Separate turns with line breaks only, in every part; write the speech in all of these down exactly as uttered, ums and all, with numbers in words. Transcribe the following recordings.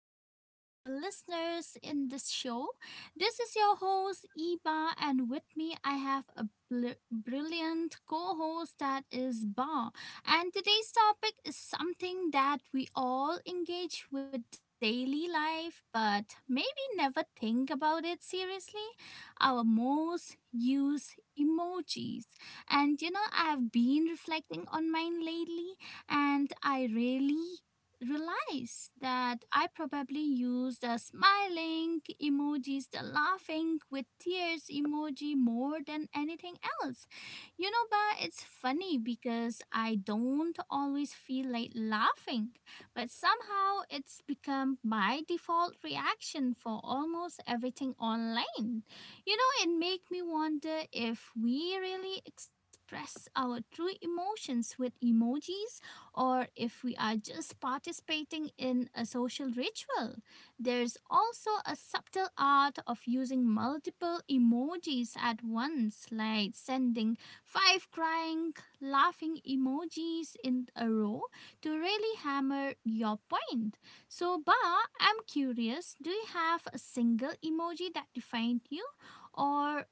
to all our listeners in this show. This is your host Eba and with me I have a bl- brilliant co-host that is Ba. And today's topic is something that we all engage with daily life but maybe never think about it seriously. Our most used emojis. And you know I've been reflecting on mine lately and I really realize that I probably use the smiling emojis, the laughing with tears emoji more than anything else. You know, but it's funny because I don't always feel like laughing, but somehow it's become my default reaction for almost everything online. You know, it makes me wonder if we really express our true emotions with emojis or if we are just participating in a social ritual. There's also a subtle art of using multiple emojis at once, like sending five crying, laughing emojis in a row to really hammer your point. So, Ba, I'm curious, do you have a single emoji that defined you, or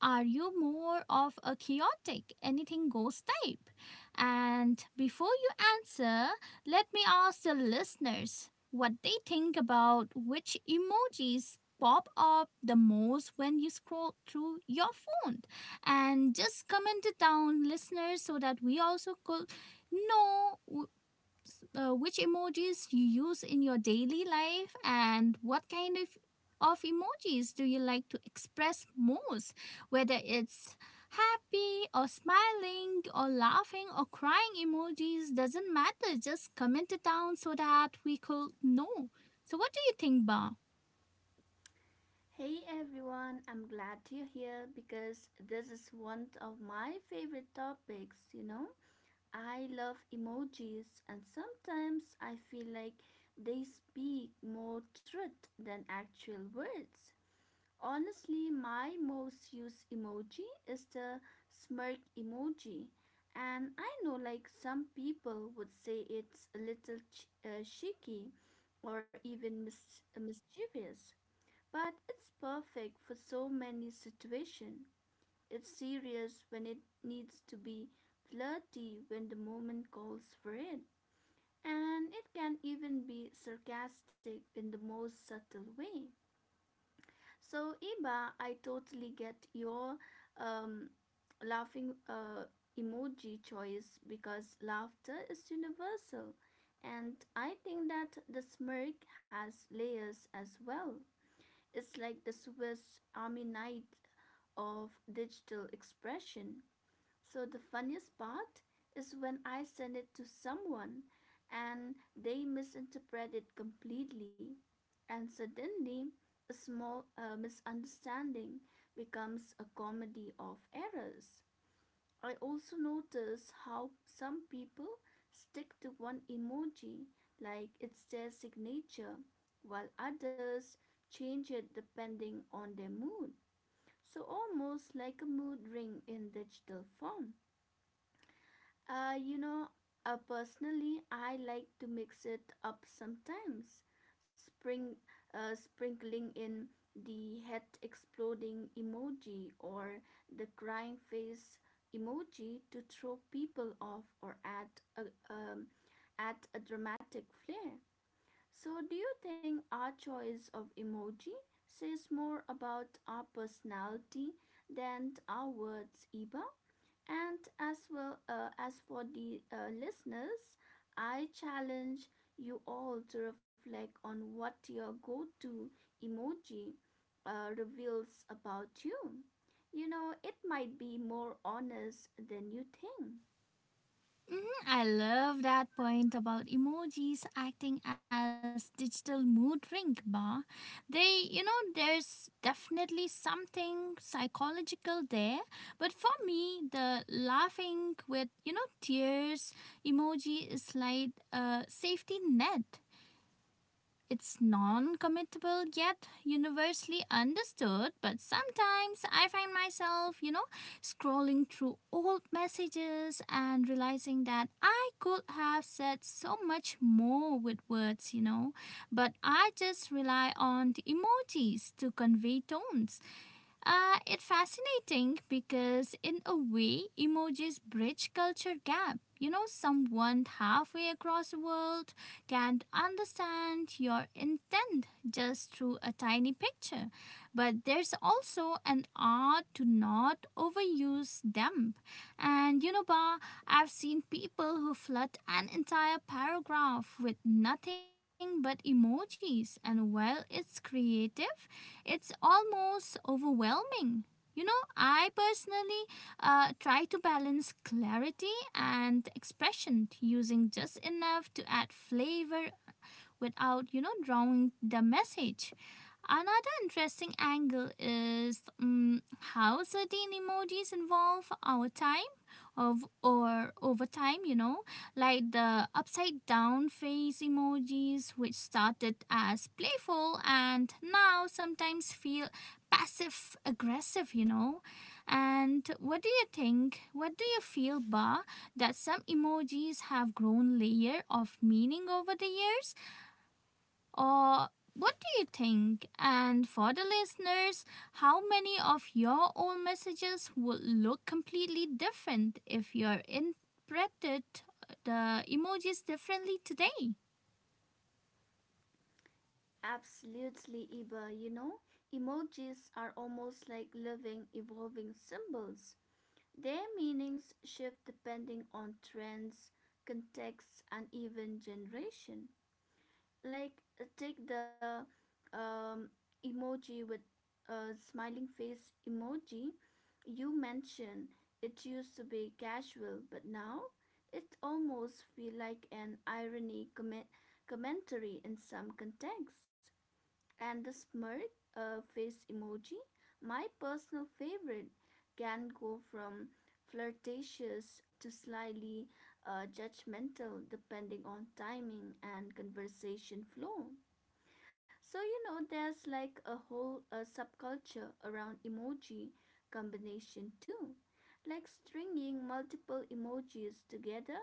are you more of a chaotic, anything goes type? And before you answer, let me ask the listeners what they think about which emojis pop up the most when you scroll through your phone. And just comment it down, listeners, so that we also could know, uh, which emojis you use in your daily life and what kind of of emojis do you like to express most, whether it's happy or smiling or laughing or crying emojis. Doesn't matter, just comment it down so that we could know. So what do you think, ba?
Hey everyone, I'm glad you're here because this is one of my favorite topics, you know. I love emojis and sometimes I feel like they speak more truth than actual words. Honestly, my most used emoji is the smirk emoji. And I know like some people would say it's a little ch- uh, cheeky or even mis- mischievous, but it's perfect for so many situations. It's serious when it needs to be, flirty when the moment calls for it, and it can even be sarcastic in the most subtle way. So, Iba, I totally get your um, laughing uh, emoji choice because laughter is universal. And I think that the smirk has layers as well. It's like the Swiss Army knife of digital expression. So the funniest part is when I send it to someone and they misinterpret it completely, and suddenly a small uh, misunderstanding becomes a comedy of errors. I also notice how some people stick to one emoji like it's their signature, while others change it depending on their mood. So, almost like a mood ring in digital form. Uh, you know, uh, Personally, I like to mix it up sometimes. Spring, uh, Sprinkling in the head exploding emoji or the crying face emoji to throw people off or add a, um, add a dramatic flair. So, do you think our choice of emoji says more about our personality than our words, Eva? And as well, uh, as for the uh, listeners, I challenge you all to reflect on what your go to emoji uh, reveals about you. You know, it might be more honest than you think.
I love that point about emojis acting as digital mood ring, Ba. They, you know, there's definitely something psychological there. But for me, the laughing with, you know, tears emoji is like a safety net. It's non committable yet universally understood, but sometimes I find myself, you know, scrolling through old messages and realizing that I could have said so much more with words, you know, but I just rely on the emojis to convey tones. Uh, it's fascinating because, in a way, emojis bridge culture gap. You know, someone halfway across the world can understand your intent just through a tiny picture. But there's also an art to not overuse them. And you know, Ba, I've seen people who flood an entire paragraph with nothing but emojis. And while it's creative, it's almost overwhelming. You know, I personally uh, try to balance clarity and expression, using just enough to add flavor without, you know, drawing the message. Another interesting angle is mm, how certain emojis involve our time of or over time, you know, like the upside down face emojis, which started as playful and now sometimes feel passive aggressive, you know. And what do you think? What do you feel, Ba, that some emojis have grown layer of meaning over the years? Or what do you think? And for the listeners, how many of your own messages would look completely different if you're interpreted the emojis differently today?
Absolutely, Iba. You know, emojis are almost like living, evolving symbols. Their meanings shift depending on trends, context, and even generation. Like uh, take the um, emoji with a smiling face emoji you mentioned. It used to be casual but now it almost feel like an irony comment- commentary in some contexts, and the smirk uh, face emoji. My personal favorite can go from flirtatious to slyly uh, judgmental depending on timing and conversation flow. So, you know, there's like a whole uh, subculture around emoji combination too, like stringing multiple emojis together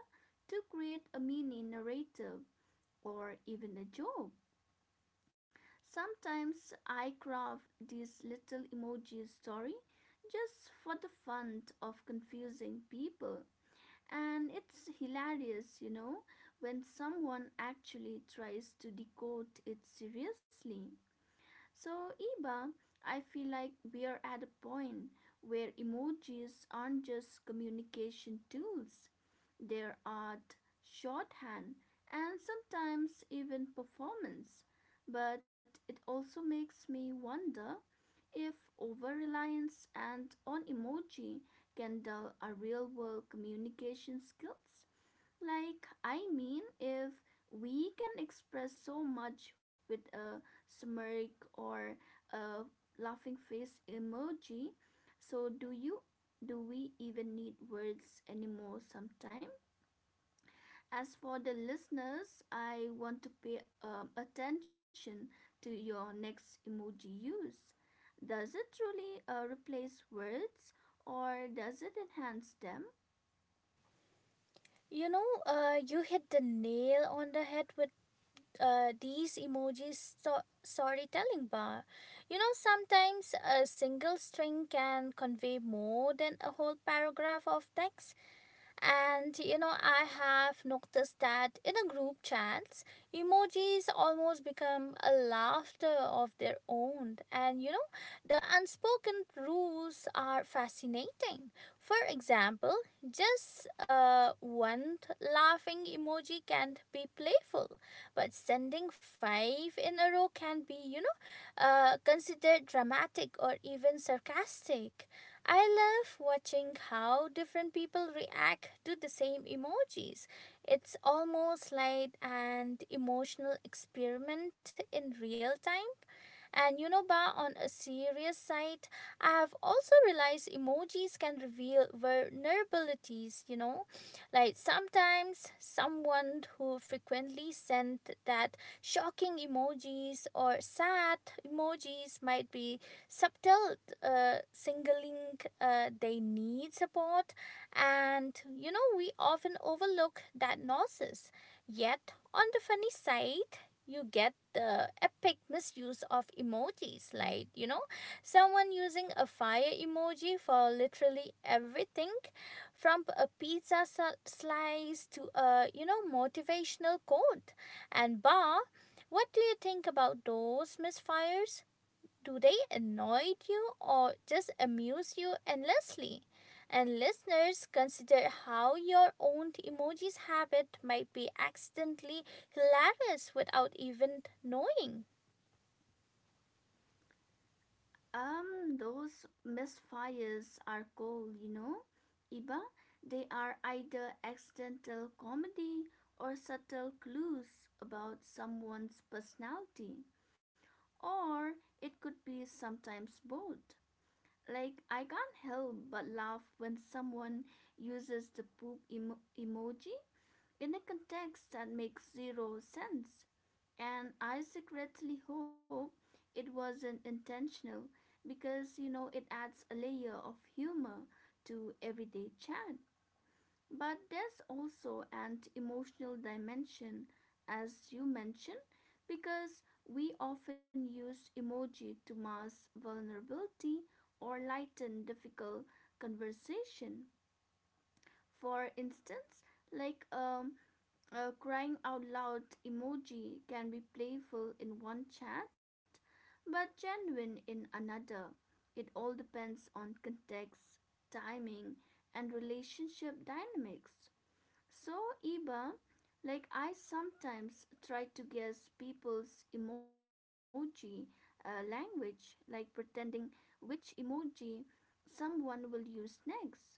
to create a mini narrative or even a joke. Sometimes I craft these little emoji story just for the fun of confusing people. And it's hilarious, you know, when someone actually tries to decode it seriously. So, Iba, I feel like we are at a point where emojis aren't just communication tools, their art, shorthand, and sometimes even performance. But it also makes me wonder if over reliance and on emoji can dull our real world communication skills. Like, I mean, if we can express so much with a smirk or a laughing face emoji, so do you do we even need words anymore sometimes? As for the listeners, I want to pay um, attention to your next emoji use. Does it truly uh, replace words or does it enhance them?
You know, uh, you hit the nail on the head with uh, these emojis sto- storytelling bar. You know, sometimes a single string can convey more than a whole paragraph of text. And you know, I have noticed that in a group chats, emojis almost become a laughter of their own. And you know, the unspoken rules are fascinating. For example, just uh, one t- laughing emoji can be playful, but sending five in a row can be, you know, uh, considered dramatic or even sarcastic. I love watching how different people react to the same emojis. It's almost like an emotional experiment in real time. And you know, Ba, on a serious side, I have also realized emojis can reveal vulnerabilities, you know. Like sometimes someone who frequently sent that shocking emojis or sad emojis might be subtle, uh, singling uh, they need support. And you know we often overlook that nonsense. Yet on the funny side, you get the epic misuse of emojis, like you know someone using a fire emoji for literally everything, from a pizza slice to a you know motivational quote. And, bar, what do you think about those misfires? Do they annoy you or just amuse you endlessly? And listeners, consider how your own emojis habit might be accidentally hilarious without even knowing.
Um, those misfires are cold, you know, Iba. They are either accidental comedy or subtle clues about someone's personality, or it could be sometimes both. Like, I can't help but laugh when someone uses the poop emo- emoji in a context that makes zero sense. And I secretly hope it wasn't intentional because, you know, it adds a layer of humor to everyday chat. But there's also an emotional dimension, as you mentioned, because we often use emoji to mask vulnerability or lighten difficult conversation. For instance, like um, a crying out loud emoji can be playful in one chat but genuine in another. It all depends on context, timing, and relationship dynamics. So, Iba, like I sometimes try to guess people's emoji uh, language, like pretending which emoji someone will use next.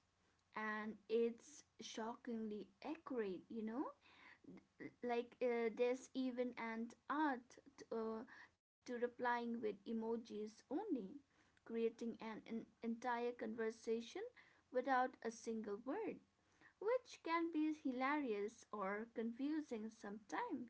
And it's shockingly accurate, you know? Like, uh, there's even an art t- uh, to replying with emojis only, creating an, an entire conversation without a single word, which can be hilarious or confusing sometimes.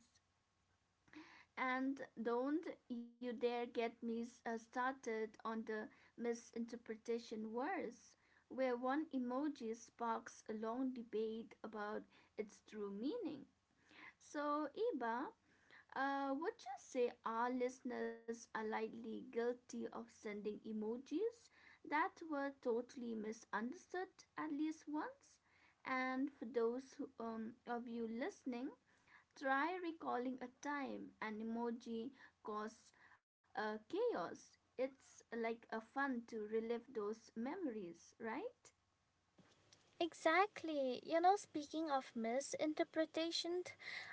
And don't you dare get me uh, started on the misinterpretation wars, where one emoji sparks a long debate about its true meaning. So, Iba, uh, would you say our listeners are likely guilty of sending emojis that were totally misunderstood at least once? And for those who, um, of you listening, try recalling a time an emoji caused uh, chaos. It's like a fun to relive those memories, right?
Exactly. You know, speaking of misinterpretation,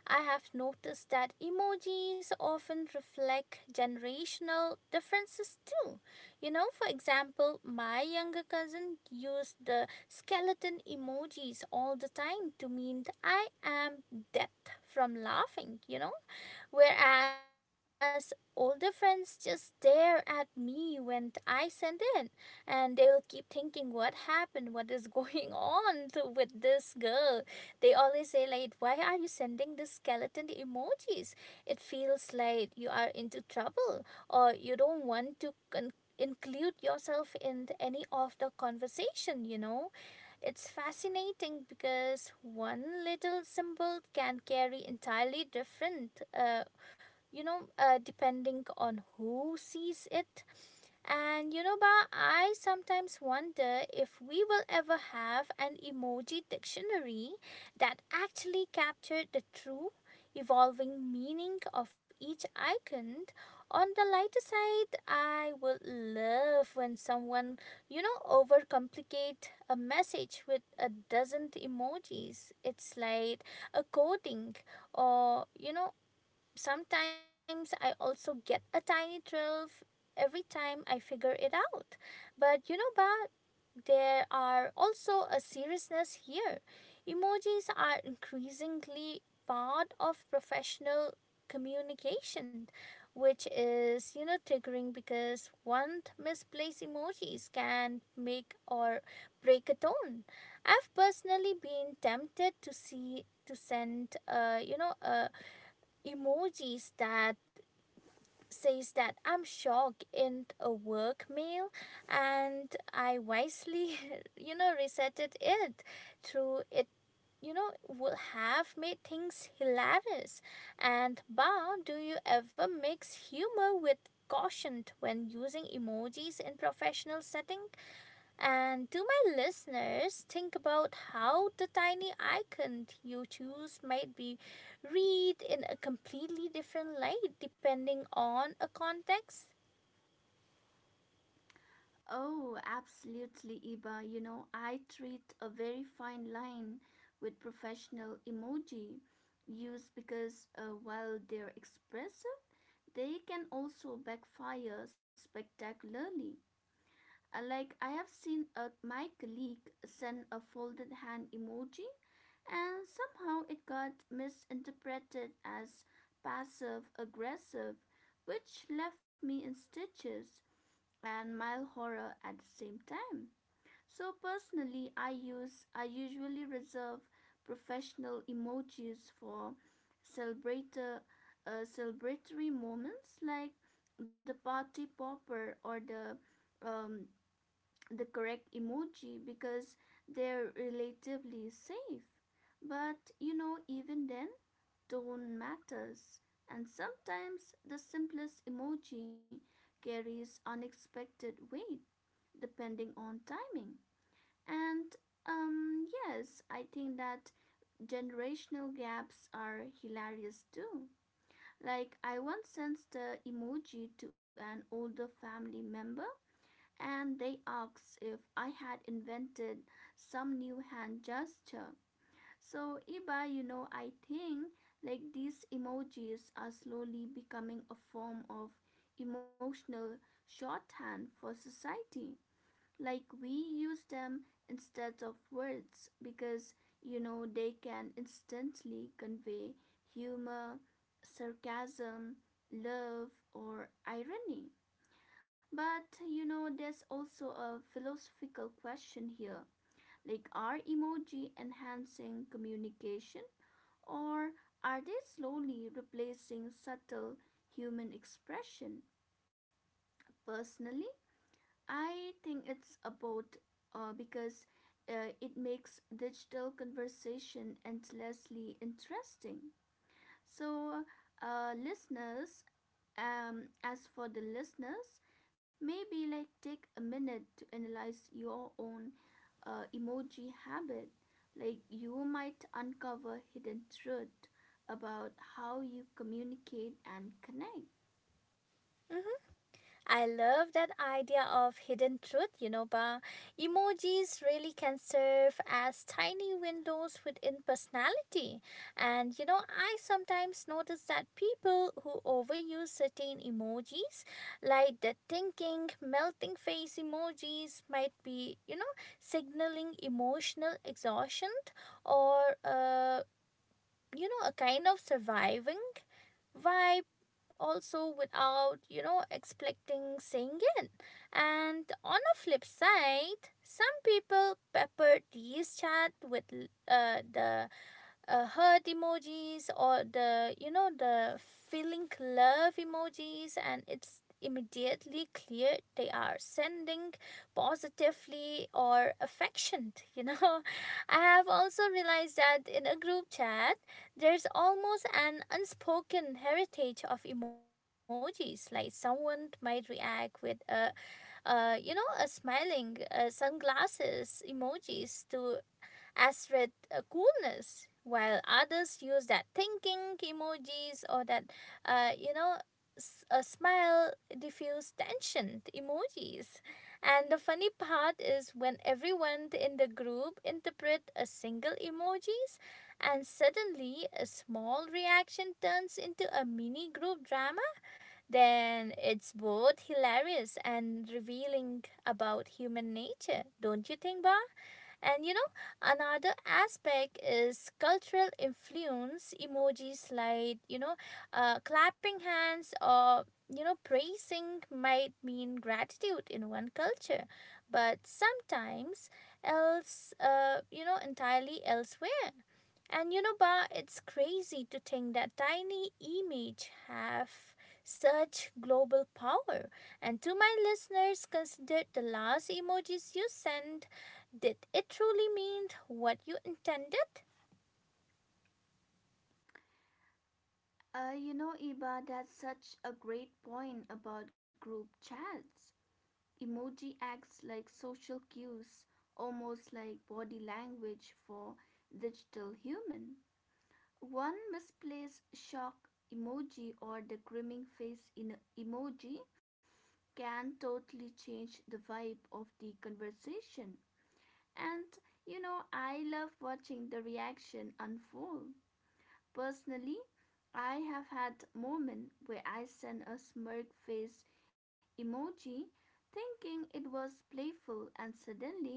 I have noticed that emojis often reflect generational differences too. You know, for example, my younger cousin used the skeleton emojis all the time to mean I am death from laughing, you know, Whereas older friends just stare at me when I send it, and they'll keep thinking what happened, what is going on to, with this girl. They always say, like, why are you sending this skeleton emojis? It feels like you are into trouble, or you don't want to con- include yourself in any of the conversation, you know? It's fascinating because one little symbol can carry entirely different, uh, you know uh, depending on who sees it. And you know ba, I sometimes wonder if we will ever have an emoji dictionary that actually captured the true evolving meaning of each icon. On the lighter side, I would love when someone you know overcomplicate a message with a dozen emojis. It's like a coding, or you know sometimes I also get a tiny thrill every time I figure it out. But you know, but there are also a seriousness here. Emojis are increasingly part of professional communication, which is you know triggering, because one misplaced emojis can make or break a tone. I've personally been tempted to see to send uh, you know a emojis that says that I'm shocked in a work mail, and I wisely you know resetted it through it, you know would have made things hilarious. And, ba, do you ever mix humor with caution when using emojis in professional settings? And to my listeners, think about how the tiny icon you choose might be read in a completely different light depending on a context.
Oh, absolutely, Iba. You know, I treat a very fine line with professional emoji use because, uh, while they're expressive, they can also backfire spectacularly. Uh, Like, I have seen a, my colleague send a folded hand emoji and somehow it got misinterpreted as passive aggressive, which left me in stitches and mild horror at the same time. So personally, I use I usually reserve professional emojis for celebrator, uh, celebratory moments like the party popper or the, um, the correct emoji because they're relatively safe. But you know, even then, tone matters. And sometimes the simplest emoji carries unexpected weight depending on timing. And um, yes, I think that generational gaps are hilarious too. Like, I once sent the emoji to an older family member and they asked if I had invented some new hand gesture. So, Iba, you know, I think like these emojis are slowly becoming a form of emotional shorthand for society. Like we use them instead of words because you know they can instantly convey humor, sarcasm, love, or irony. But you know, there's also a philosophical question here. Like, are emoji enhancing communication or are they slowly replacing subtle human expression? Personally, I think it's about, uh, because uh, it makes digital conversation endlessly interesting. So, uh, listeners, um, as for the listeners, maybe like take a minute to analyze your own uh, emoji habit. Like, you might uncover hidden truth about how you communicate and connect.
Mhm. I love that idea of hidden truth, you know, Ba. Emojis really can serve as tiny windows within personality. And, you know, I sometimes notice that people who overuse certain emojis, like the thinking, melting face emojis, might be, you know, signaling emotional exhaustion or, uh, you know, a kind of surviving vibe, also without you know expecting saying it. And on a flip side, some people pepper these chat with uh, the uh, hurt emojis, or the you know the feeling love emojis, and it's immediately clear they are sending positively or affectionate. you know I have also realized that in a group chat there's almost an unspoken heritage of emojis. Like someone might react with a a you know a smiling uh, sunglasses emojis, to as with uh, coolness, while others use that thinking emojis, or that uh, you know a smile diffuse tension emojis. And the funny part is when everyone in the group interpret a single emojis, and suddenly a small reaction turns into a mini group drama. Then it's both hilarious and revealing about human nature, don't you think, bob? And you know, another aspect is cultural influence. Emojis, like, you know, uh, clapping hands, or, you know, praising, might mean gratitude in one culture, but sometimes else, uh, you know, entirely elsewhere. And you know, Ba, it's crazy to think that tiny image have such global power. And to my listeners, consider the last emojis you sent: did it truly mean what you intended?
Uh, you know, Iba, that's such a great point about group chats. Emoji acts like social cues, almost like body language for digital human. One misplaced shock emoji or the grimming face in emoji can totally change the vibe of the conversation. And you know, I love watching the reaction unfold. Personally, I have had moments where I sent a smirk face emoji thinking it was playful and suddenly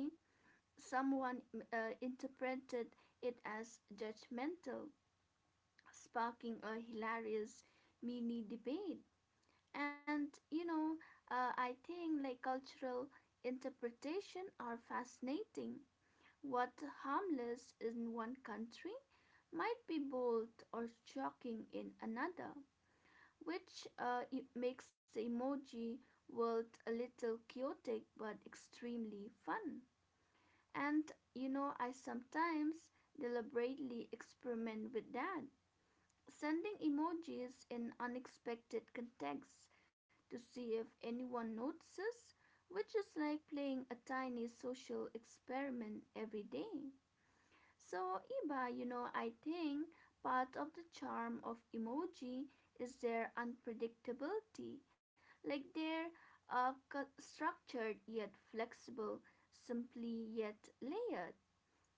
someone uh, interpreted it as judgmental, sparking a hilarious mini debate. And you know, uh, I think like cultural interpretation are fascinating. What harmless in one country might be bold or shocking in another, which, uh, it makes the emoji world a little chaotic but extremely fun. And you know, I sometimes deliberately experiment with that, sending emojis in unexpected contexts to see if anyone notices, which is like playing a tiny social experiment every day. So, Iba, you know, I think part of the charm of emoji is their unpredictability, like they're uh, structured yet flexible, simply yet layered,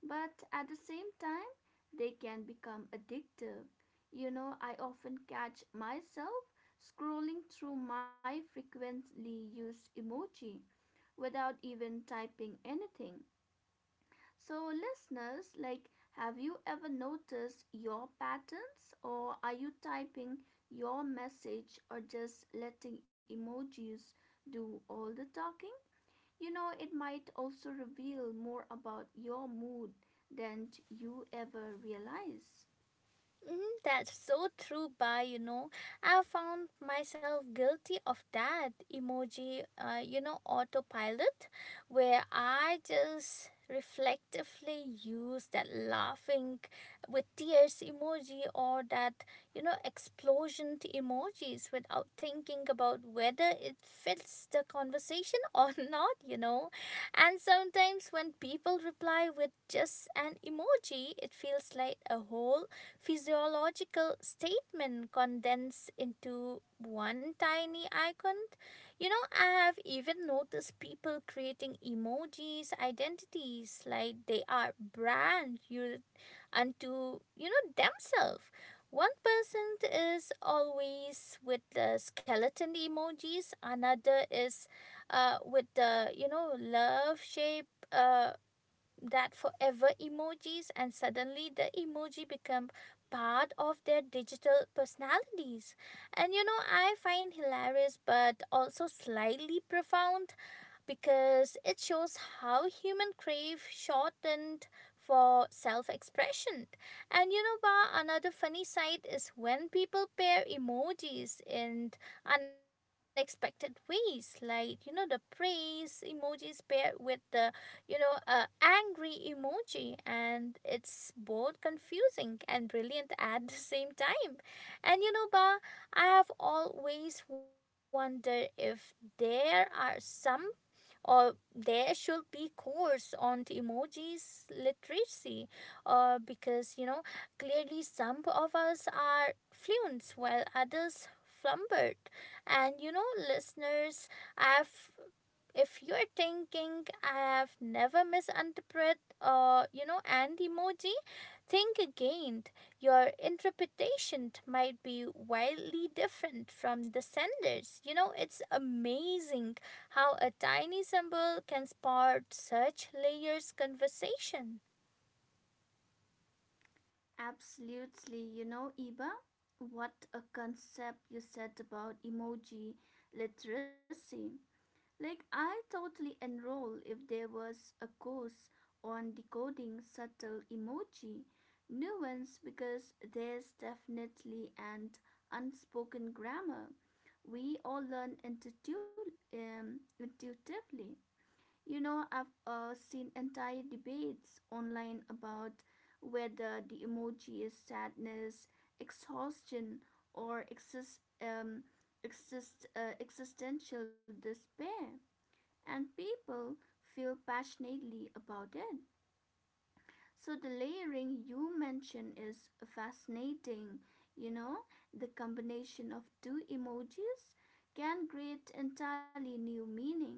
but at the same time they can become addictive. You know, I often catch myself scrolling through my frequently used emoji without even typing anything. So listeners, like have you ever noticed your patterns, or are you typing your message or just letting emojis do all the talking? You know, it might also reveal more about your mood than you ever realize.
Mhm, that's so true, Ba. You know, I found myself guilty of that emoji, uh, you know, autopilot, where I just reflectively use that laughing with tears emoji, or that, you know, explosion emojis, without thinking about whether it fits the conversation or not, you know. And sometimes when people reply with just an emoji, it feels like a whole physiological statement condensed into one tiny icon. You know, I have even noticed people creating emojis, identities, like they are brand you unto you know themselves. One person is always with the skeleton emojis, another is uh, with the you know love shape uh, that forever emojis, and suddenly the emoji become part of their digital personalities. And you know I find hilarious but also slightly profound, because it shows how human crave shortened for self-expression. And you know, Ba, another funny side is when people pair emojis in unexpected ways, like you know, the praise emojis paired with the you know, uh, angry emoji, and it's both confusing and brilliant at the same time. And you know, Ba, I have always wondered if there are some or there should be course on the emojis literacy, uh, because you know clearly some of us are fluent while others flumbered. And you know listeners, I've if you're thinking I have never misinterpreted uh, you know an emoji, think again. Your interpretation might be wildly different from the sender's. You know, it's amazing how a tiny symbol can spark such layers conversation.
Absolutely, you know, Iba, what a concept you said about emoji literacy. Like, I totally enroll if there was a course on decoding subtle emoji nuance because there's definitely an unspoken grammar we all learn intuitu- um, intuitively. You know, I've uh, seen entire debates online about whether the emoji is sadness, exhaustion, or exist, um, exist, uh, existential despair, and people feel passionately about it. So the layering you mentioned is fascinating. You know, the combination of two emojis can create entirely new meaning,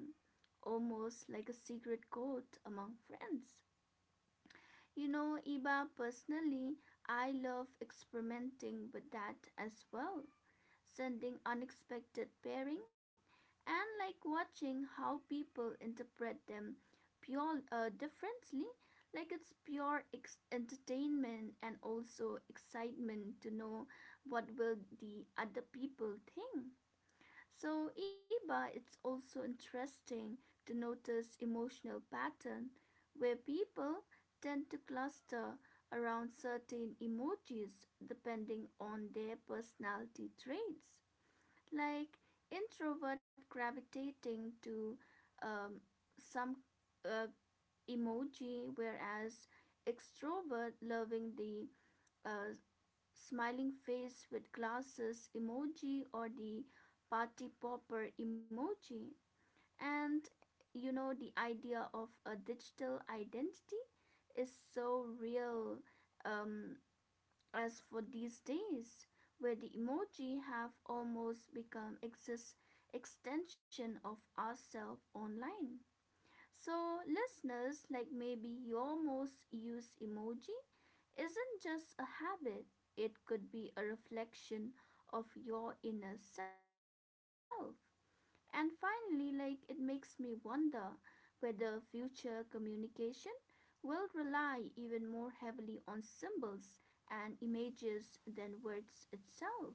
almost like a secret code among friends. You know, Iba, personally, I love experimenting with that as well, sending unexpected pairing, and like watching how people interpret them pure uh, differently. Like it's pure ex- entertainment and also excitement to know what will the other people think. So Iba, it's also interesting to notice emotional pattern where people tend to cluster around certain emojis depending on their personality traits, like introvert gravitating to, um, some uh, emoji, whereas extrovert loving the, uh, smiling face with glasses emoji or the party popper emoji. And you know, the idea of a digital identity is so real, um, as for these days, where the emoji have almost become exist extension of ourselves online. So listeners, like maybe your most used emoji isn't just a habit, it could be a reflection of your inner self. And finally, like it makes me wonder whether future communication will rely even more heavily on symbols and images than words itself.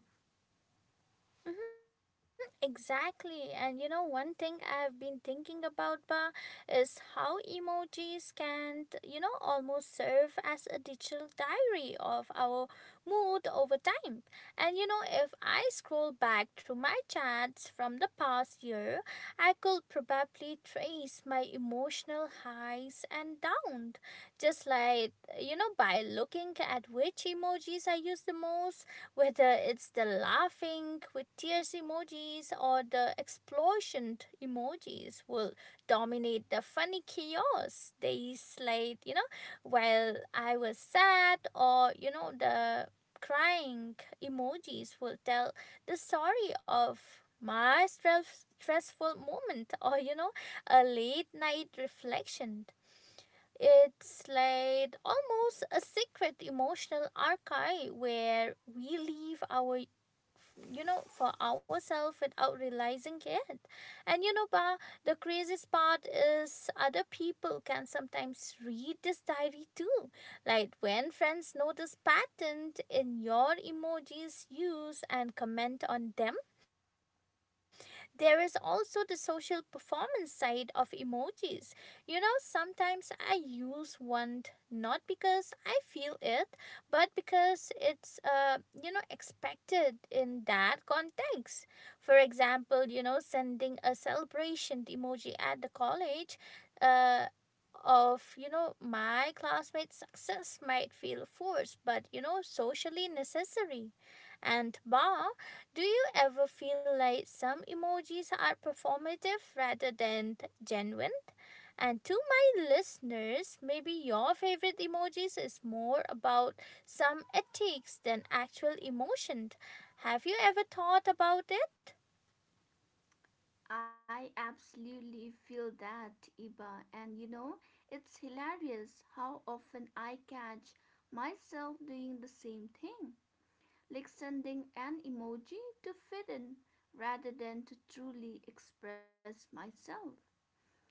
Exactly. And you know, one thing I've been thinking about, Ba, is how emojis can, you know, almost serve as a digital diary of our mood over time. And you know, if I scroll back through my chats from the past year, I could probably trace my emotional highs and downs. Just like, you know, by looking at which emojis I use the most, whether it's the laughing with tears emojis or the explosion emojis will dominate the funny chaos Days slayed, you know, while I was sad, or, you know, the crying emojis will tell the story of my stress, stressful moment, or, you know, a late night reflection. It's like almost a secret emotional archive where we leave our, you know, for ourselves without realizing it. And you know, Ba, the craziest part is other people can sometimes read this diary too, like when friends notice pattern in your emojis use and comment on them. There is also the social performance side of emojis. You know, sometimes I use one not because I feel it, but because it's uh you know expected in that context. For example, you know, sending a celebration emoji at the college, uh of, you know, my classmates success might feel forced but, you know, socially necessary. And Ba, do you ever feel like some emojis are performative rather than genuine? And to my listeners, maybe your favorite emojis is more about some ethics than actual emotion. Have you ever thought about it?
I absolutely feel that, Iba, and you know, it's hilarious how often I catch myself doing the same thing, like sending an emoji to fit in rather than to truly express myself.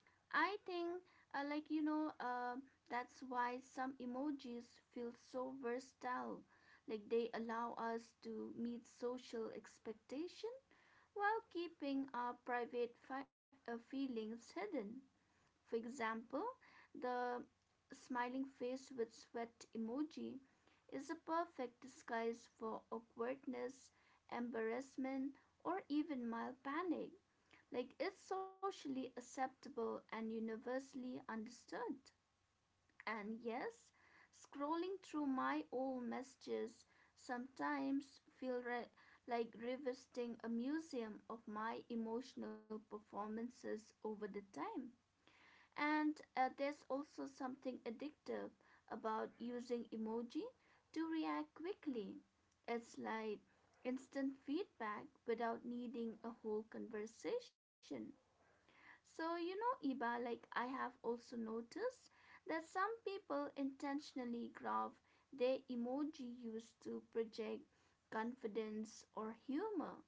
I think, uh, like you know, um that's why some emojis feel so versatile. Like they allow us to meet social expectation while keeping our private fi- uh, feelings hidden. For example, the smiling face with sweat emoji is a perfect disguise for awkwardness, embarrassment, or even mild panic. Like it's socially acceptable and universally understood. And yes, scrolling through my old messages sometimes feel re- like revisiting a museum of my emotional performances over the time. And uh, there's also something addictive about using emoji to react quickly. It's like instant feedback without needing a whole conversation. So, you know, Iba, like I have also noticed that some people intentionally graph their emoji used to project confidence or humor,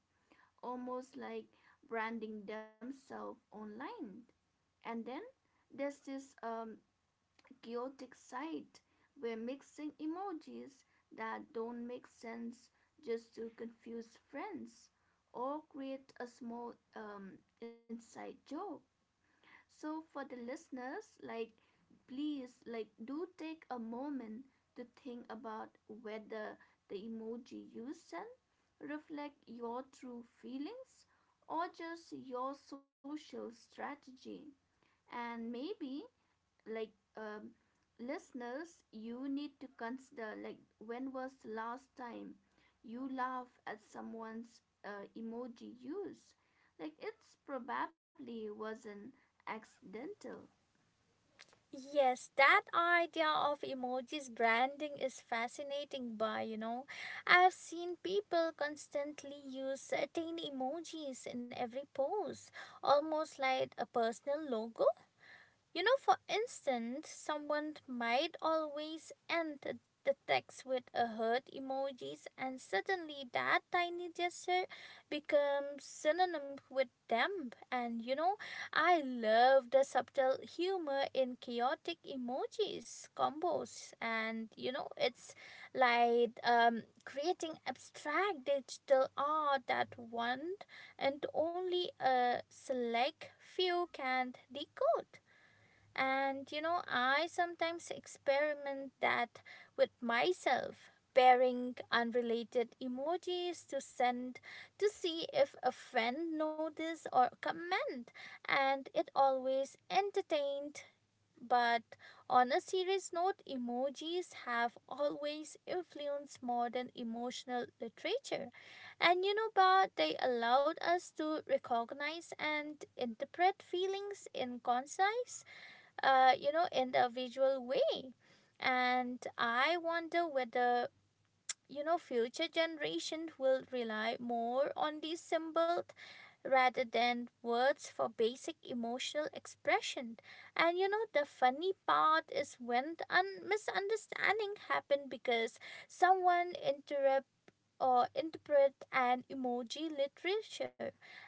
almost like branding themselves online. And then there's this um, chaotic site where mixing emojis that don't make sense just to confuse friends or create a small um, inside joke. So for the listeners, like please like do take a moment to think about whether the emoji you send reflect your true feelings or just your social strategy, and maybe, like, um, listeners, you need to consider, like, when was the last time you laugh at someone's uh, emoji use. Like it's probably wasn't accidental.
Yes, that idea of emojis branding is fascinating, by, you know. I've seen people constantly use certain emojis in every pose, almost like a personal logo. You know, for instance, someone might always end the text with a heart emojis, and suddenly that tiny gesture becomes synonym with them. And you know, I love the subtle humor in chaotic emojis combos, and you know, it's like um, creating abstract digital art that one and only a select few can decode. And you know, I sometimes experiment that with myself, pairing unrelated emojis to send, to see if a friend notice or comment, and it always entertained. But on a serious note, emojis have always influenced modern emotional literature. And you know, but they allowed us to recognize and interpret feelings in concise, uh, you know, in the visual way. And I wonder whether, you know, future generation will rely more on these symbols rather than words for basic emotional expression. And you know, the funny part is when the un- misunderstanding happen because someone interrupt uh, interpret an emoji literature,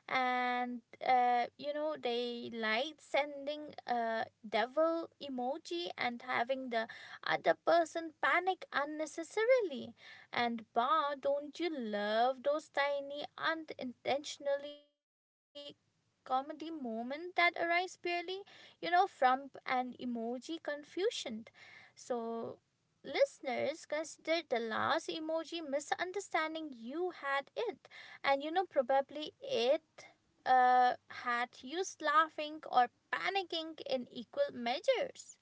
and, uh, you know, they like sending a devil emoji and having the other person panic unnecessarily. And bah, don't you love those tiny unintentionally comedy moment that arise purely, you know, from an emoji confusion? So listeners, considered the last emoji misunderstanding you had it, and you know probably it, uh, had you laughing or panicking in equal measures.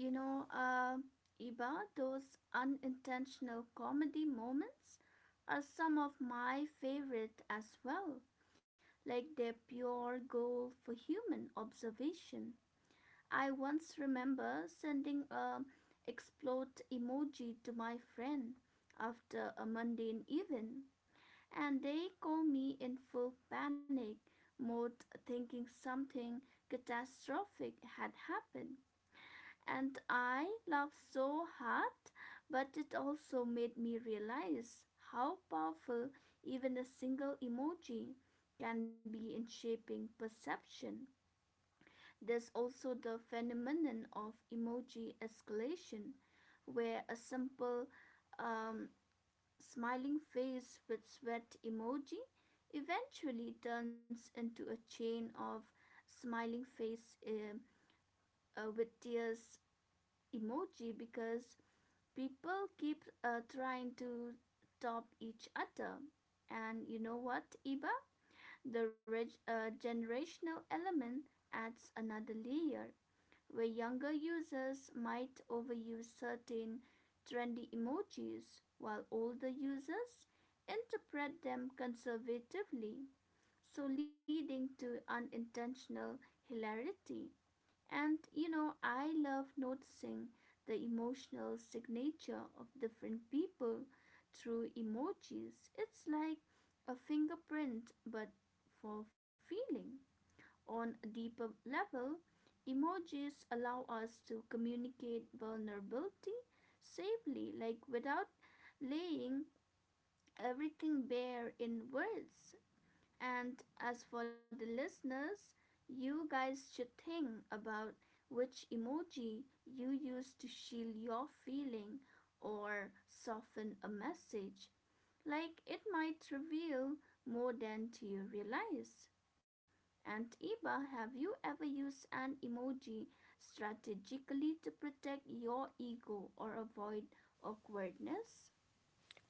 you know uh, Iba, those unintentional comedy moments are some of my favorite as well. Like their pure goal for human observation. I once remember sending a explode emoji to my friend after a mundane event, and they called me in full panic mode thinking something catastrophic had happened. And I laughed so hard, but it also made me realize how powerful even a single emoji can be in shaping perception. There's also the phenomenon of emoji escalation, where a simple um, smiling face with sweat emoji eventually turns into a chain of smiling face um, uh, with tears emoji because people keep uh, trying to top each other. And you know what, Iba? The reg- uh, generational element adds another layer where younger users might overuse certain trendy emojis while older users interpret them conservatively, so leading to unintentional hilarity. And you know, I love noticing the emotional signature of different people through emojis. It's like a fingerprint, but for feeling. On a deeper level, emojis allow us to communicate vulnerability safely, like without laying everything bare in words. And as for the listeners, you guys should think about which emoji you use to shield your feeling or soften a message. Like it might reveal more than you realize. And Iba, have you ever used an emoji strategically to protect your ego or avoid awkwardness?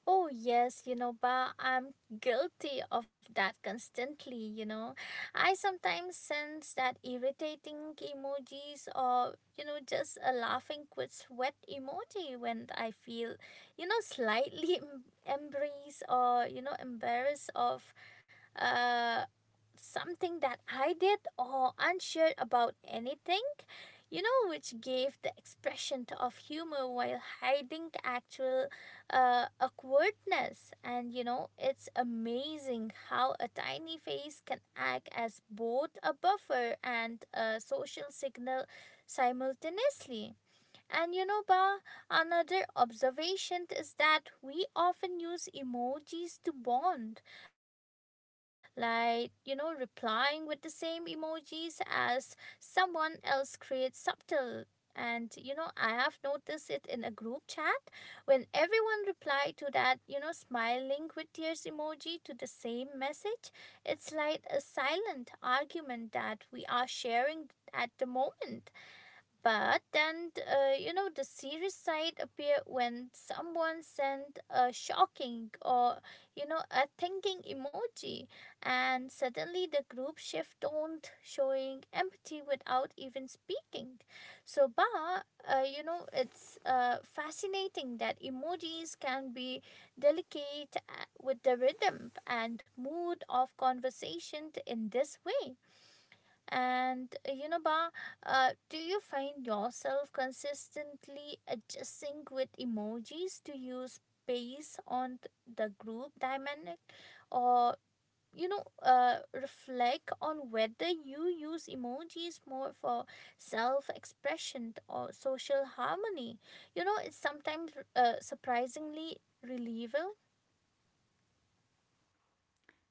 Oh, yes, you know, Ba, I'm guilty of that constantly, you know. I sometimes send that irritating emojis or, you know, just a laughing quit sweat emoji when I feel, you know, slightly em- embrace, or, you know, embarrassed of, uh, something that I did or unsure about anything, you know, which gave the expression of humor while hiding actual, uh, awkwardness. And you know, it's amazing how a tiny face can act as both a buffer and a social signal simultaneously. And you know, Ba, another observation is that we often use emojis to bond, like, you know, replying with the same emojis as someone else creates subtle. And you know, I have noticed it in a group chat when everyone replied to that, you know, smiling with tears emoji to the same message. It's like a silent argument that we are sharing at the moment. But then, uh, you know, the serious side appeared when someone sent a shocking, or, you know, a thinking emoji, and suddenly the group shift tone, showing empathy without even speaking. So, but, uh, you know, it's, uh, fascinating that emojis can be delicate, uh, with the rhythm and mood of conversation in this way. And uh, you know, Ba, uh, do you find yourself consistently adjusting with emojis to use based on th- the group dynamic, or, you know, uh, reflect on whether you use emojis more for self-expression or social harmony? You know, it's sometimes, uh, surprisingly relieving.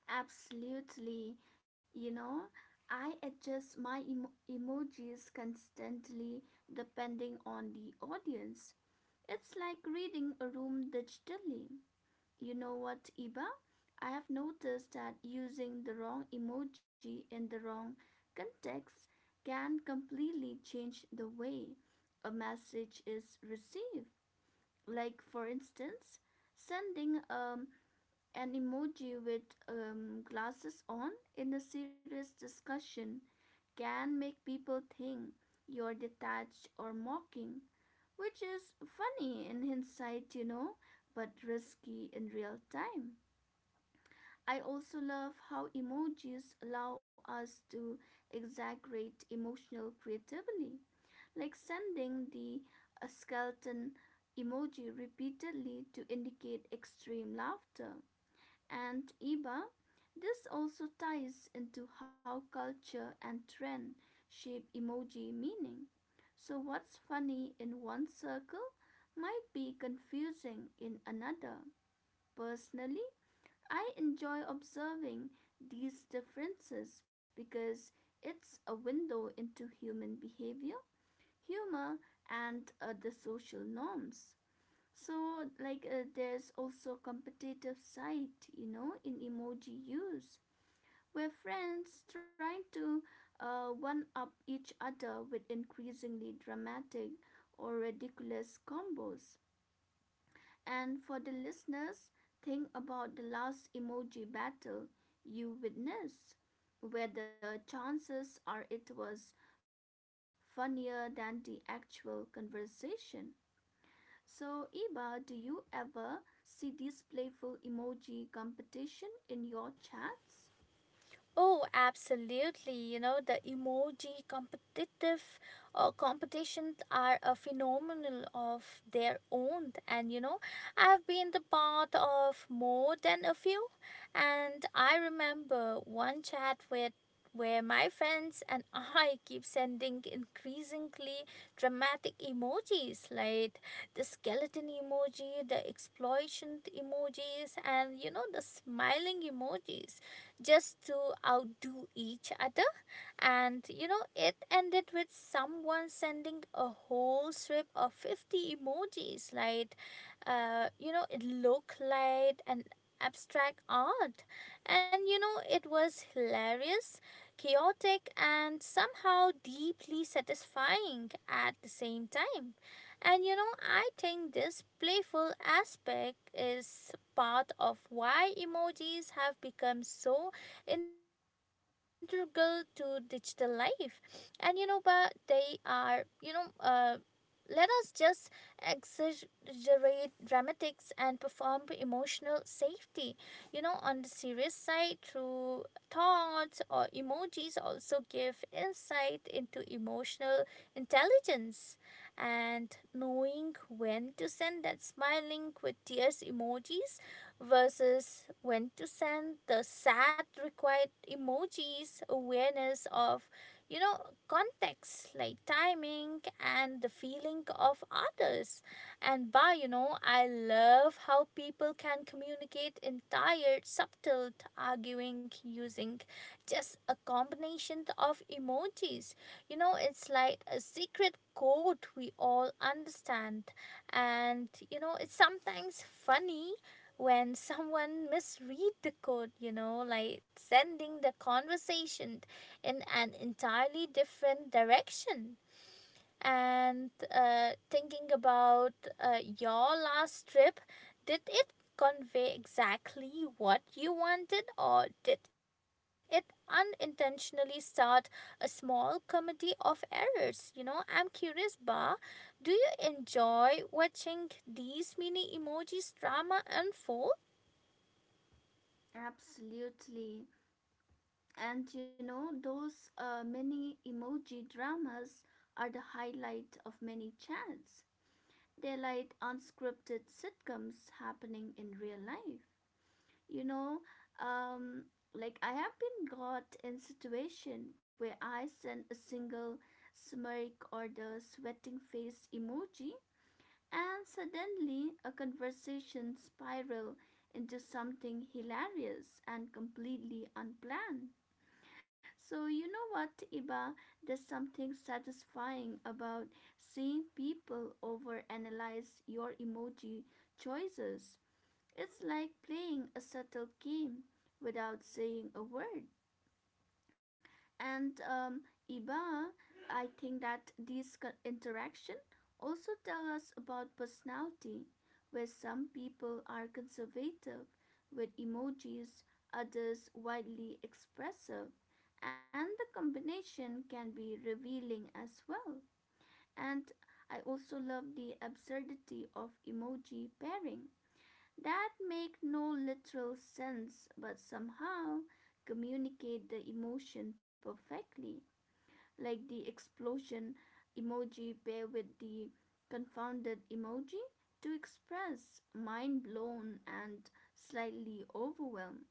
Absolutely. You know, I adjust my emo- emojis constantly depending on the audience. It's like reading a room digitally. You know what, Iba? I have noticed that using the wrong emoji in the wrong context can completely change the way a message is received. Like, for instance, sending um, an emoji with um, glasses on in a serious discussion can make people think you're detached or mocking, which is funny in hindsight, you know, but risky in real time. I also love how emojis allow us to exaggerate emotional creatively, like sending the uh, skeleton emoji repeatedly to indicate extreme laughter. And Iba, this also ties into how culture and trend shape emoji meaning. So, what's funny in one circle might be confusing in another. Personally, I enjoy observing these differences because it's a window into human behavior, humor, and uh, the social norms. So, like, uh, there's also a competitive side, you know, in emoji use, where friends trying to uh, one up each other with increasingly dramatic or ridiculous combos. And for the listeners, think about the last emoji battle you witnessed, where the chances are it was funnier than the actual conversation. So, Iba, do you ever see these playful emoji competition in your chats?
Oh, absolutely. You know, the emoji competitive uh, competitions are a phenomenal of their own. And, you know, I've been the part of more than a few. And I remember one chat with where my friends and I keep sending increasingly dramatic emojis like the skeleton emoji, the exploitation emojis, and, you know, the smiling emojis, just to outdo each other. And you know, it ended with someone sending a whole strip of fifty emojis. Like, uh, you know, it looked like an abstract art. And you know, it was hilarious, chaotic, and somehow deeply satisfying at the same time. And you know, I think this playful aspect is part of why emojis have become so integral to digital life. And you know, but they are, you know, uh, let us just exaggerate dramatics and perform emotional safety, you know. On the serious side, through thoughts or emojis also give insight into emotional intelligence, and knowing when to send that smiling with tears emojis versus when to send the sad required emojis awareness of, you know, context, like timing and the feeling of others. And by, you know, I love how people can communicate in tired subtle arguing using just a combination of emojis. You know, it's like a secret code we all understand. And you know, it's sometimes funny when someone misread the code, you know, like sending the conversation in an entirely different direction. And, uh, thinking about, uh, your last trip, did it convey exactly what you wanted, or did it unintentionally start a small comedy of errors? You know, I'm curious, Ba, do you enjoy watching these mini emojis drama unfold?
Absolutely. And you know, those uh, mini emoji dramas are the highlight of many chats. They're like unscripted sitcoms happening in real life. You know, um, like I have been got in situation where I send a single smirk or the sweating face emoji, and suddenly a conversation spiral into something hilarious and completely unplanned. So, you know what, Iba? There's something satisfying about seeing people overanalyze your emoji choices. It's like playing a subtle game without saying a word. And um, Iba, I think that these co- interaction also tell us about personality, where some people are conservative with emojis, others widely expressive, and the combination can be revealing as well. And I also love the absurdity of emoji pairing that make no literal sense but somehow communicate the emotion perfectly, like the explosion emoji pair with the confounded emoji to express mind blown and slightly overwhelmed.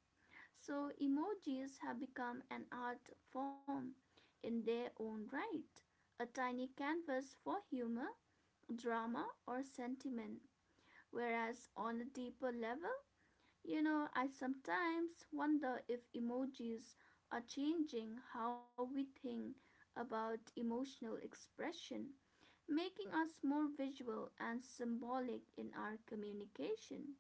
So, emojis have become an art form in their own right, a tiny canvas for humor, drama, or sentiment. Whereas on a deeper level, you know, I sometimes wonder if emojis are changing how we think about emotional expression, making us more visual and symbolic in our communication.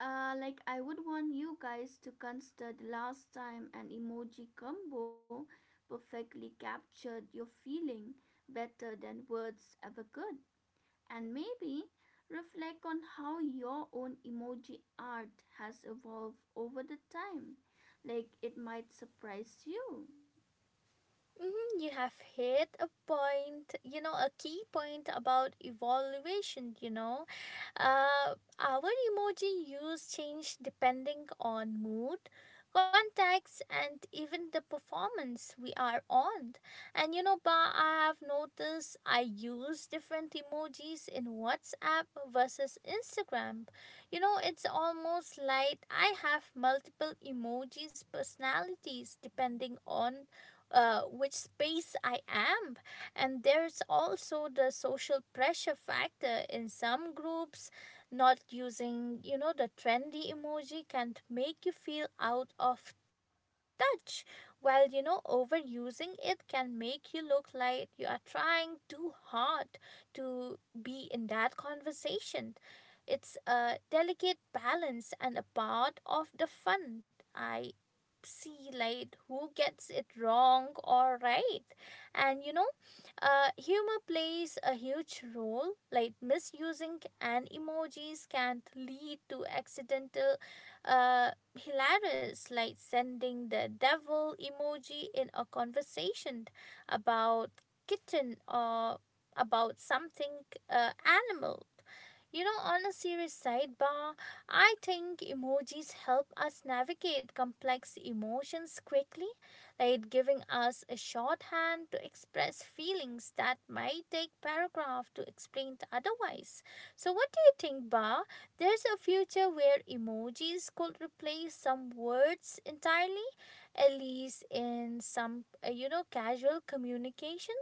Uh, like, I would want you guys to consider the last time an emoji combo perfectly captured your feeling better than words ever could, and maybe reflect on how your own emoji art has evolved over the time. Like it might surprise you.
Mhm. You have hit a point, you know, a key point about evaluation, you know. Uh, our emoji use change depending on mood, contacts, and even the performance we are on. And you know, Ba, I have noticed I use different emojis in WhatsApp versus Instagram. You know, it's almost like I have multiple emojis personalities depending on, uh, which space I am. And there's also the social pressure factor in some groups. Not using, you know, the trendy emoji can make you feel out of touch, while, you know, overusing it can make you look like you are trying too hard to be in that conversation. It's a delicate balance and a part of the fun. I see like who gets it wrong or right. And you know, uh, humor plays a huge role, like misusing an emojis can lead to accidental, uh, hilarious, like sending the devil emoji in a conversation about kitten or about something, uh, animal. You know, on a serious sidebar, I think emojis help us navigate complex emotions quickly, like giving us a shorthand to express feelings that might take paragraph to explain to otherwise. So what do you think, Ba? There's a future where emojis could replace some words entirely, at least in some, uh, you know, casual communication.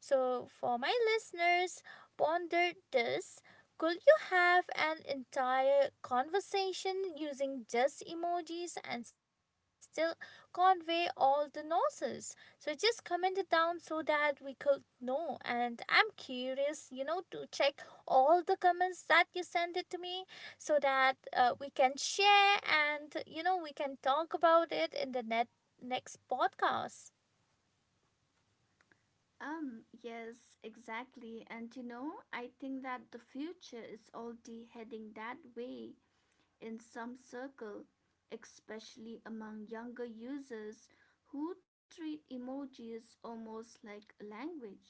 So, for my listeners, ponder this. Could you have an entire conversation using just emojis and still convey all the nuances? So just comment it down so that we could know. And I'm curious, you know, to check all the comments that you send it to me, so that, uh, we can share and, you know, we can talk about it in the net next podcast.
Um, yes, exactly. And you know, I think that the future is already heading that way in some circle, especially among younger users who treat emojis almost like a language.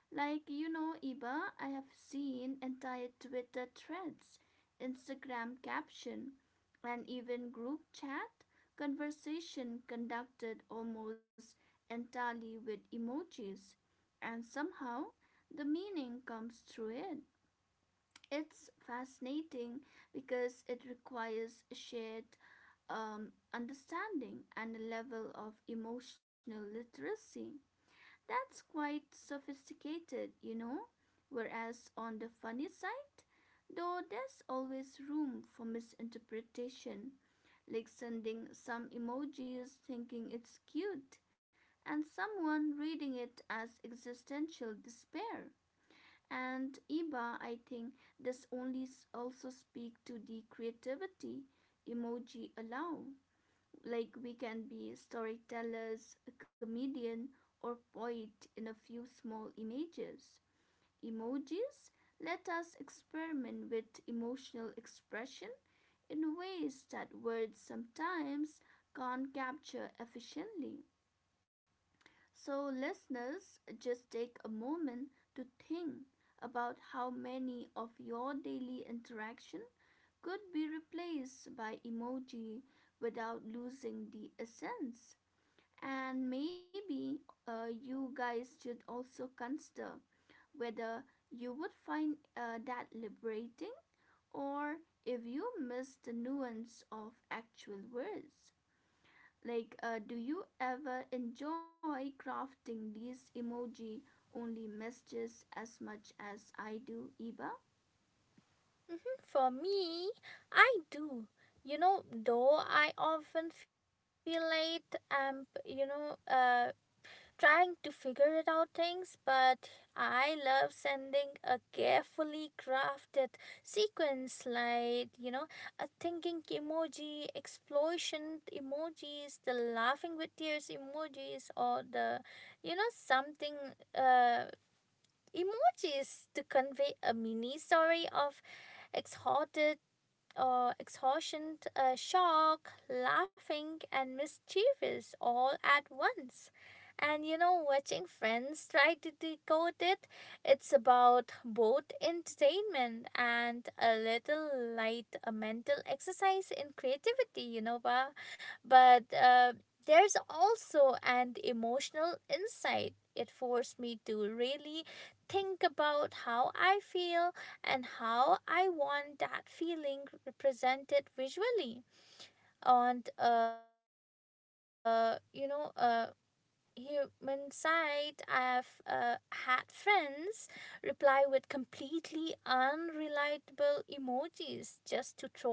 Like, you know, Iba, I have seen entire Twitter threads, Instagram caption, and even group chat conversation conducted almost entirely with emojis, and somehow the meaning comes through it. It's fascinating because it requires shared um, understanding and a level of emotional literacy. That's quite sophisticated, you know. Whereas on the funny side, though there's always room for misinterpretation, like sending some emojis thinking it's cute, and someone reading it as existential despair. And Iba, I think, does only also speak to the creativity emoji allow, like we can be storytellers, a comedian, or poet in a few small images. Emojis let us experiment with emotional expression in ways that words sometimes can't capture efficiently. So, listeners, just take a moment to think about how many of your daily interaction could be replaced by emoji without losing the essence. And maybe uh, you guys should also consider whether you would find uh, that liberating, or if you miss the nuance of actual words. Like, uh, do you ever enjoy crafting these emoji only messages as much as I do, Iba?
For me, I do. You know, though I often feel late and, you know, uh, trying to figure it out things, but I love sending a carefully crafted sequence like, you know, a thinking emoji, explosion emojis, the laughing with tears emojis, or the, you know, something, uh, emojis to convey a mini story of exhorted uh, exhaustion, uh, shock, laughing, and mischievous all at once. And you know, watching friends try to decode it, it's about both entertainment and a little light a mental exercise in creativity, you know, Ba? But, uh, there's also an emotional insight. It forced me to really think about how I feel and how I want that feeling represented visually on, uh you know uh human side. I've, uh, had friends reply with completely unrelatable emojis just to troll me.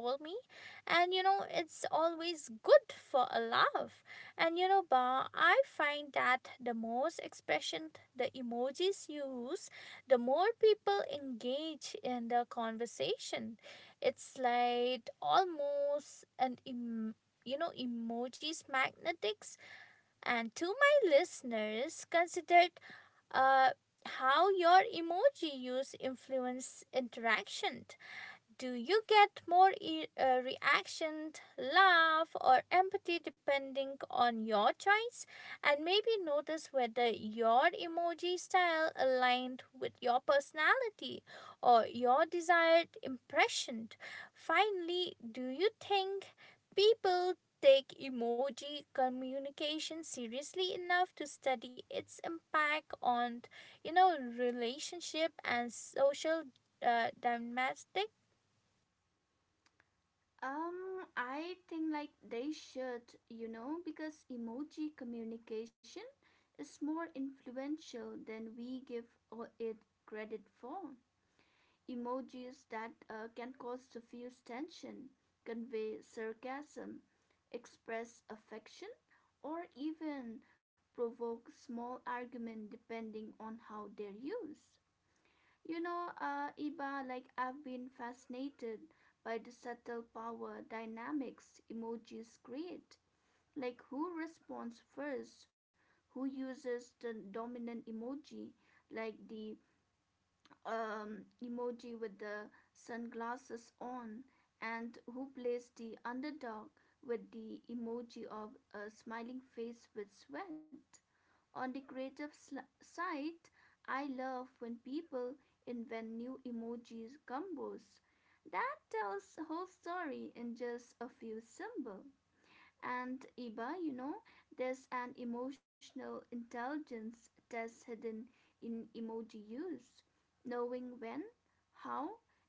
And you know, it's always good for a laugh. And you know, Ba, I find that the most expression the emojis use, the more people engage in the conversation. It's like almost an em- you know, emojis magnetics. And to my listeners, consider, uh, how your emoji use influence interaction. Do you get more e- uh, reaction, laugh, or empathy depending on your choice? And maybe notice whether your emoji style aligned with your personality or your desired impression. Finally, do you think people take emoji communication seriously enough to study its impact on you know relationship and social uh, domestic?
Um, I think like they should, you know, because emoji communication is more influential than we give o- it credit for. Emojis that uh, can cause diffuse tension, convey sarcasm, express affection, or even provoke small argument depending on how they're used. You know, uh, Iba, like I've been fascinated by the subtle power dynamics emojis create. Like who responds first, who uses the dominant emoji, like the um, emoji with the sunglasses on, and who plays the underdog with the emoji of a smiling face with sweat. On the creative side, I love when people invent new emojis combos that tells a whole story in just a few symbols. And Iba, you know, there's an emotional intelligence test hidden in emoji use. Knowing when, how,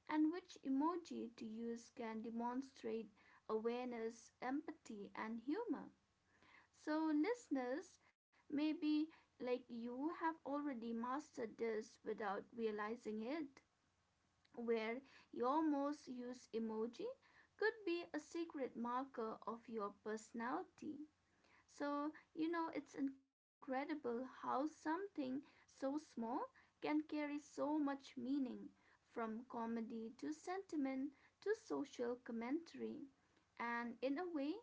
and which emoji to use can demonstrate awareness, empathy, and humor. So, listeners, maybe, like, you have already mastered this without realizing it, where your most used emoji could be a secret marker of your personality. So, you know, it's incredible how something so small can carry so much meaning, from comedy to sentiment to social commentary. And in a way,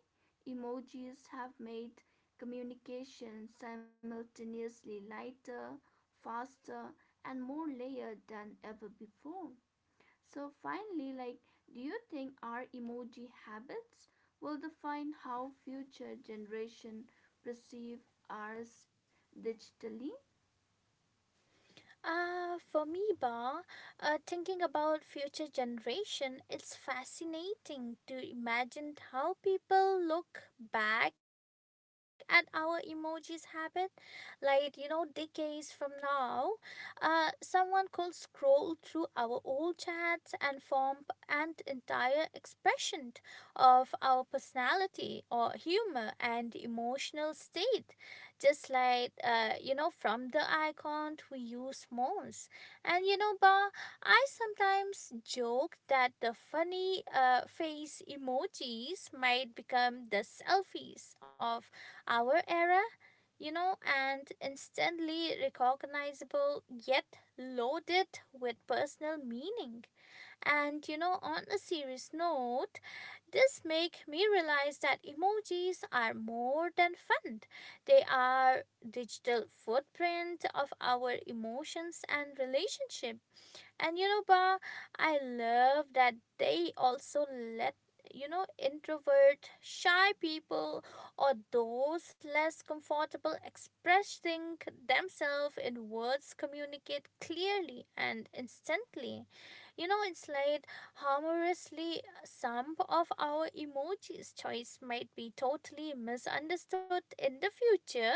emojis have made communication simultaneously lighter, faster, and more layered than ever before. So, finally, like, do you think our emoji habits will define how future generation perceive ours digitally?
Uh, for me, Ba, uh, thinking about future generation, it's fascinating to imagine how people look back at our emojis habit. Like, you know, decades from now, uh, someone could scroll through our old chats and form p- an entire expression of our personality or humor and emotional state just like uh, you know from the icon to use smalls. And you know ba, I sometimes joke that the funny uh, face emojis might become the selfies of our era, you know, and instantly recognizable yet loaded with personal meaning. And you know, on a serious note, this make me realize that emojis are more than fun. They are digital footprint of our emotions and relationship. And you know, ba, I love that they also let you know introvert shy people or those less comfortable expressing themselves in words communicate clearly and instantly. You know, it's like humorously some of our emojis choice might be totally misunderstood in the future,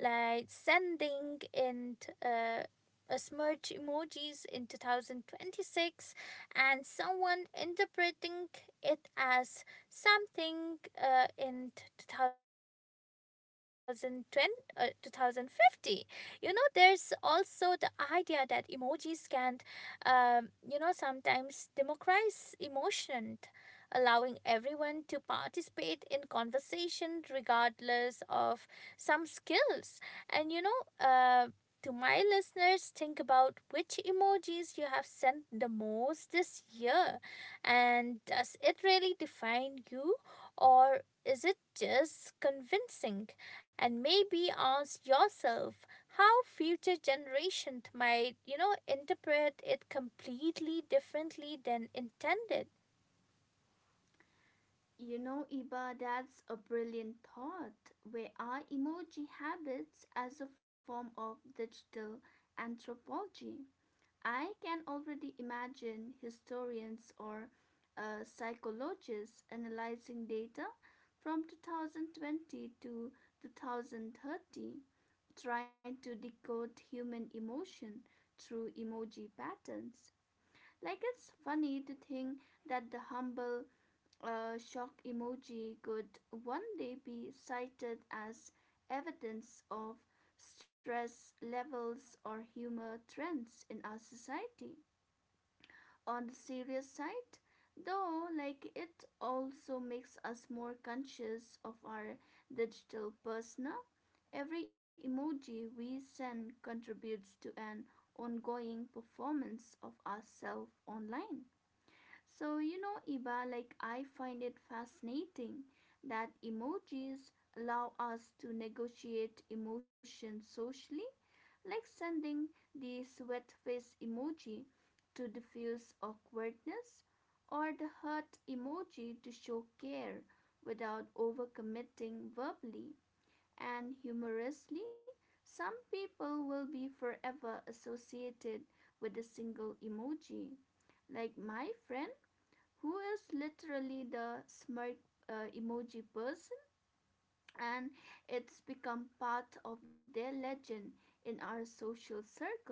like sending in uh, a smudge emojis in two thousand twenty-six and someone interpreting it as something uh, in two thousand twenty, uh, two thousand fifty. You know, there's also the idea that emojis can um, you know sometimes democratize emotion, allowing everyone to participate in conversation regardless of some skills. And you know, uh, to my listeners, think about which emojis you have sent the most this year. And does it really define you, or is it just convincing? And maybe ask yourself how future generations might, you know, interpret it completely differently than intended.
You know, Iba, that's a brilliant thought. Where are emoji habits as a form of digital anthropology? I can already imagine historians or uh, psychologists analyzing data from two thousand twenty to two thousand thirty, trying to decode human emotion through emoji patterns. Like, it's funny to think that the humble uh, shock emoji could one day be cited as evidence of stress levels or humor trends in our society. On the serious side though, like, it also makes us more conscious of our digital persona. Every emoji we send contributes to an ongoing performance of ourselves online. So, you know, Iba, like, I find it fascinating that emojis allow us to negotiate emotions socially, like sending the sweat face emoji to diffuse awkwardness or the heart emoji to show care without overcommitting verbally. And humorously, some people will be forever associated with a single emoji, like my friend who is literally the smirk uh, emoji person, and it's become part of their legend in our social circle.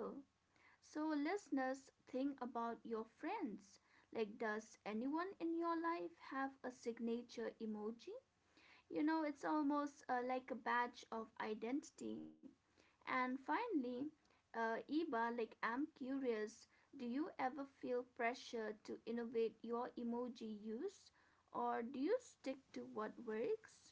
So, listeners, think about your friends. Like, does anyone in your life have a signature emoji? You know, it's almost uh, like a badge of identity. And finally, uh, Iba, like, I'm curious, do you ever feel pressure to innovate your emoji use, or do you stick to what works?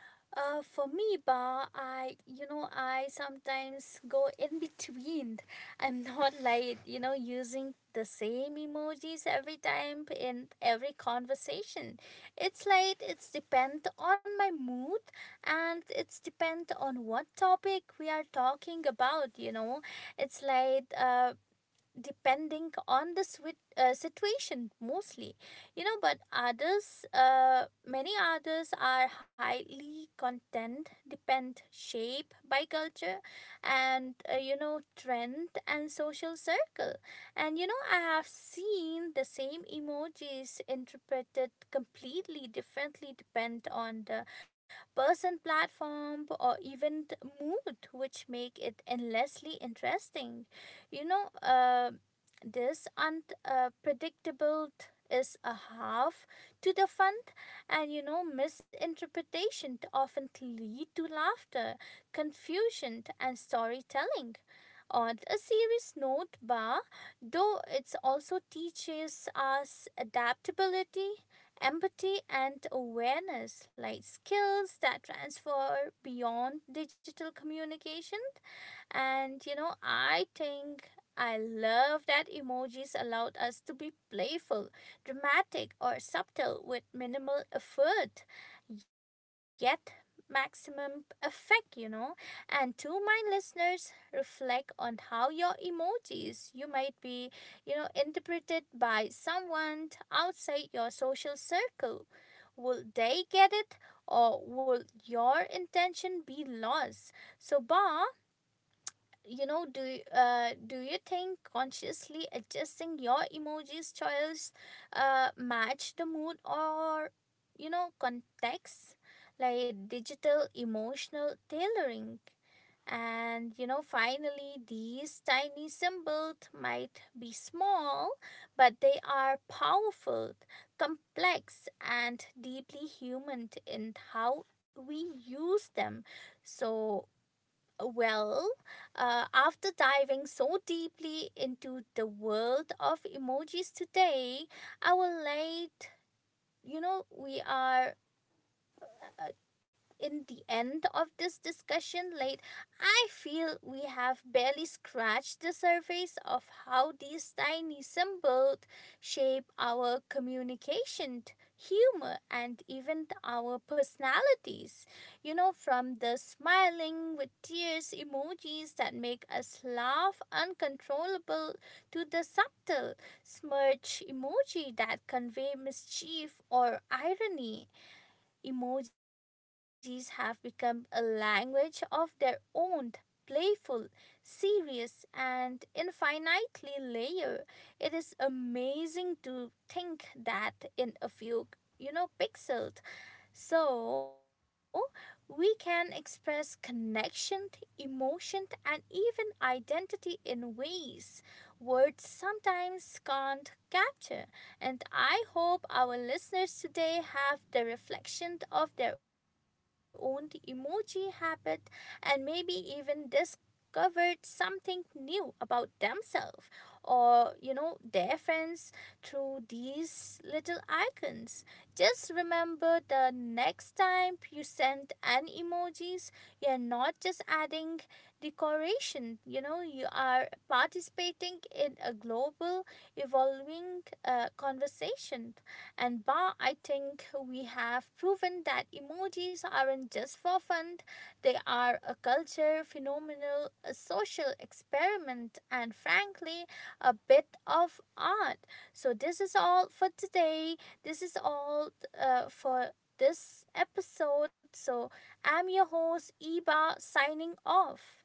Uh, for me, Ba, I you know I sometimes go in between. I'm not like you know using the same emojis every time in every conversation. It's like it's depend on my mood and it's depend on what topic we are talking about. You know, it's like uh, depending on the swi- uh, situation mostly. You know, but others uh, many others are highly content depend shape by culture and uh, you know trend and social circle. And you know I have seen the same emojis interpreted completely differently depend on the person platform or even the mood, which make it endlessly interesting. You know, uh, this unpredictable uh, is a half to the fun. And you know misinterpretation often lead to laughter, confusion and storytelling. On a serious note ba, though it also teaches us adaptability, empathy and awareness, like skills that transfer beyond digital communication. And you know, I think I love that emojis allowed us to be playful, dramatic, or subtle with minimal effort, yet maximum effect, you know. And to my listeners, reflect on how your emojis you might be, you know, interpreted by someone outside your social circle. Will they get it or will your intention be lost? So, Bob, you know do you, uh, do you think consciously adjusting your emojis choice uh, match the mood or you know context, like digital emotional tailoring. And you know finally these tiny symbols might be small, but they are powerful, complex and deeply human in how we use them. So well, uh, after diving so deeply into the world of emojis today, our late, you know, we are uh, in the end of this discussion, late, I feel we have barely scratched the surface of how these tiny symbols shape our communication, humor, and even our personalities. You know, from the smiling with tears emojis that make us laugh uncontrollable to the subtle smirch emoji that convey mischief or irony, emojis have become a language of their own, playful, serious, and infinitely layered. It is amazing to think that in a few, you know, pixels, so we can express connection, emotion, and even identity in ways words sometimes can't capture. And I hope our listeners today have the reflection of their own emoji habit and maybe even discovered something new about themselves or you know their friends through these little icons. Just remember the next time you send an emojis, you're not just adding decoration, you know, you are participating in a global evolving uh, conversation. And Ba, I think we have proven that emojis aren't just for fun, they are a culture, phenomenal, a social experiment, and frankly, a bit of art. So, this is all for today. This is all uh, for this episode. So I'm your host, Eba, signing off.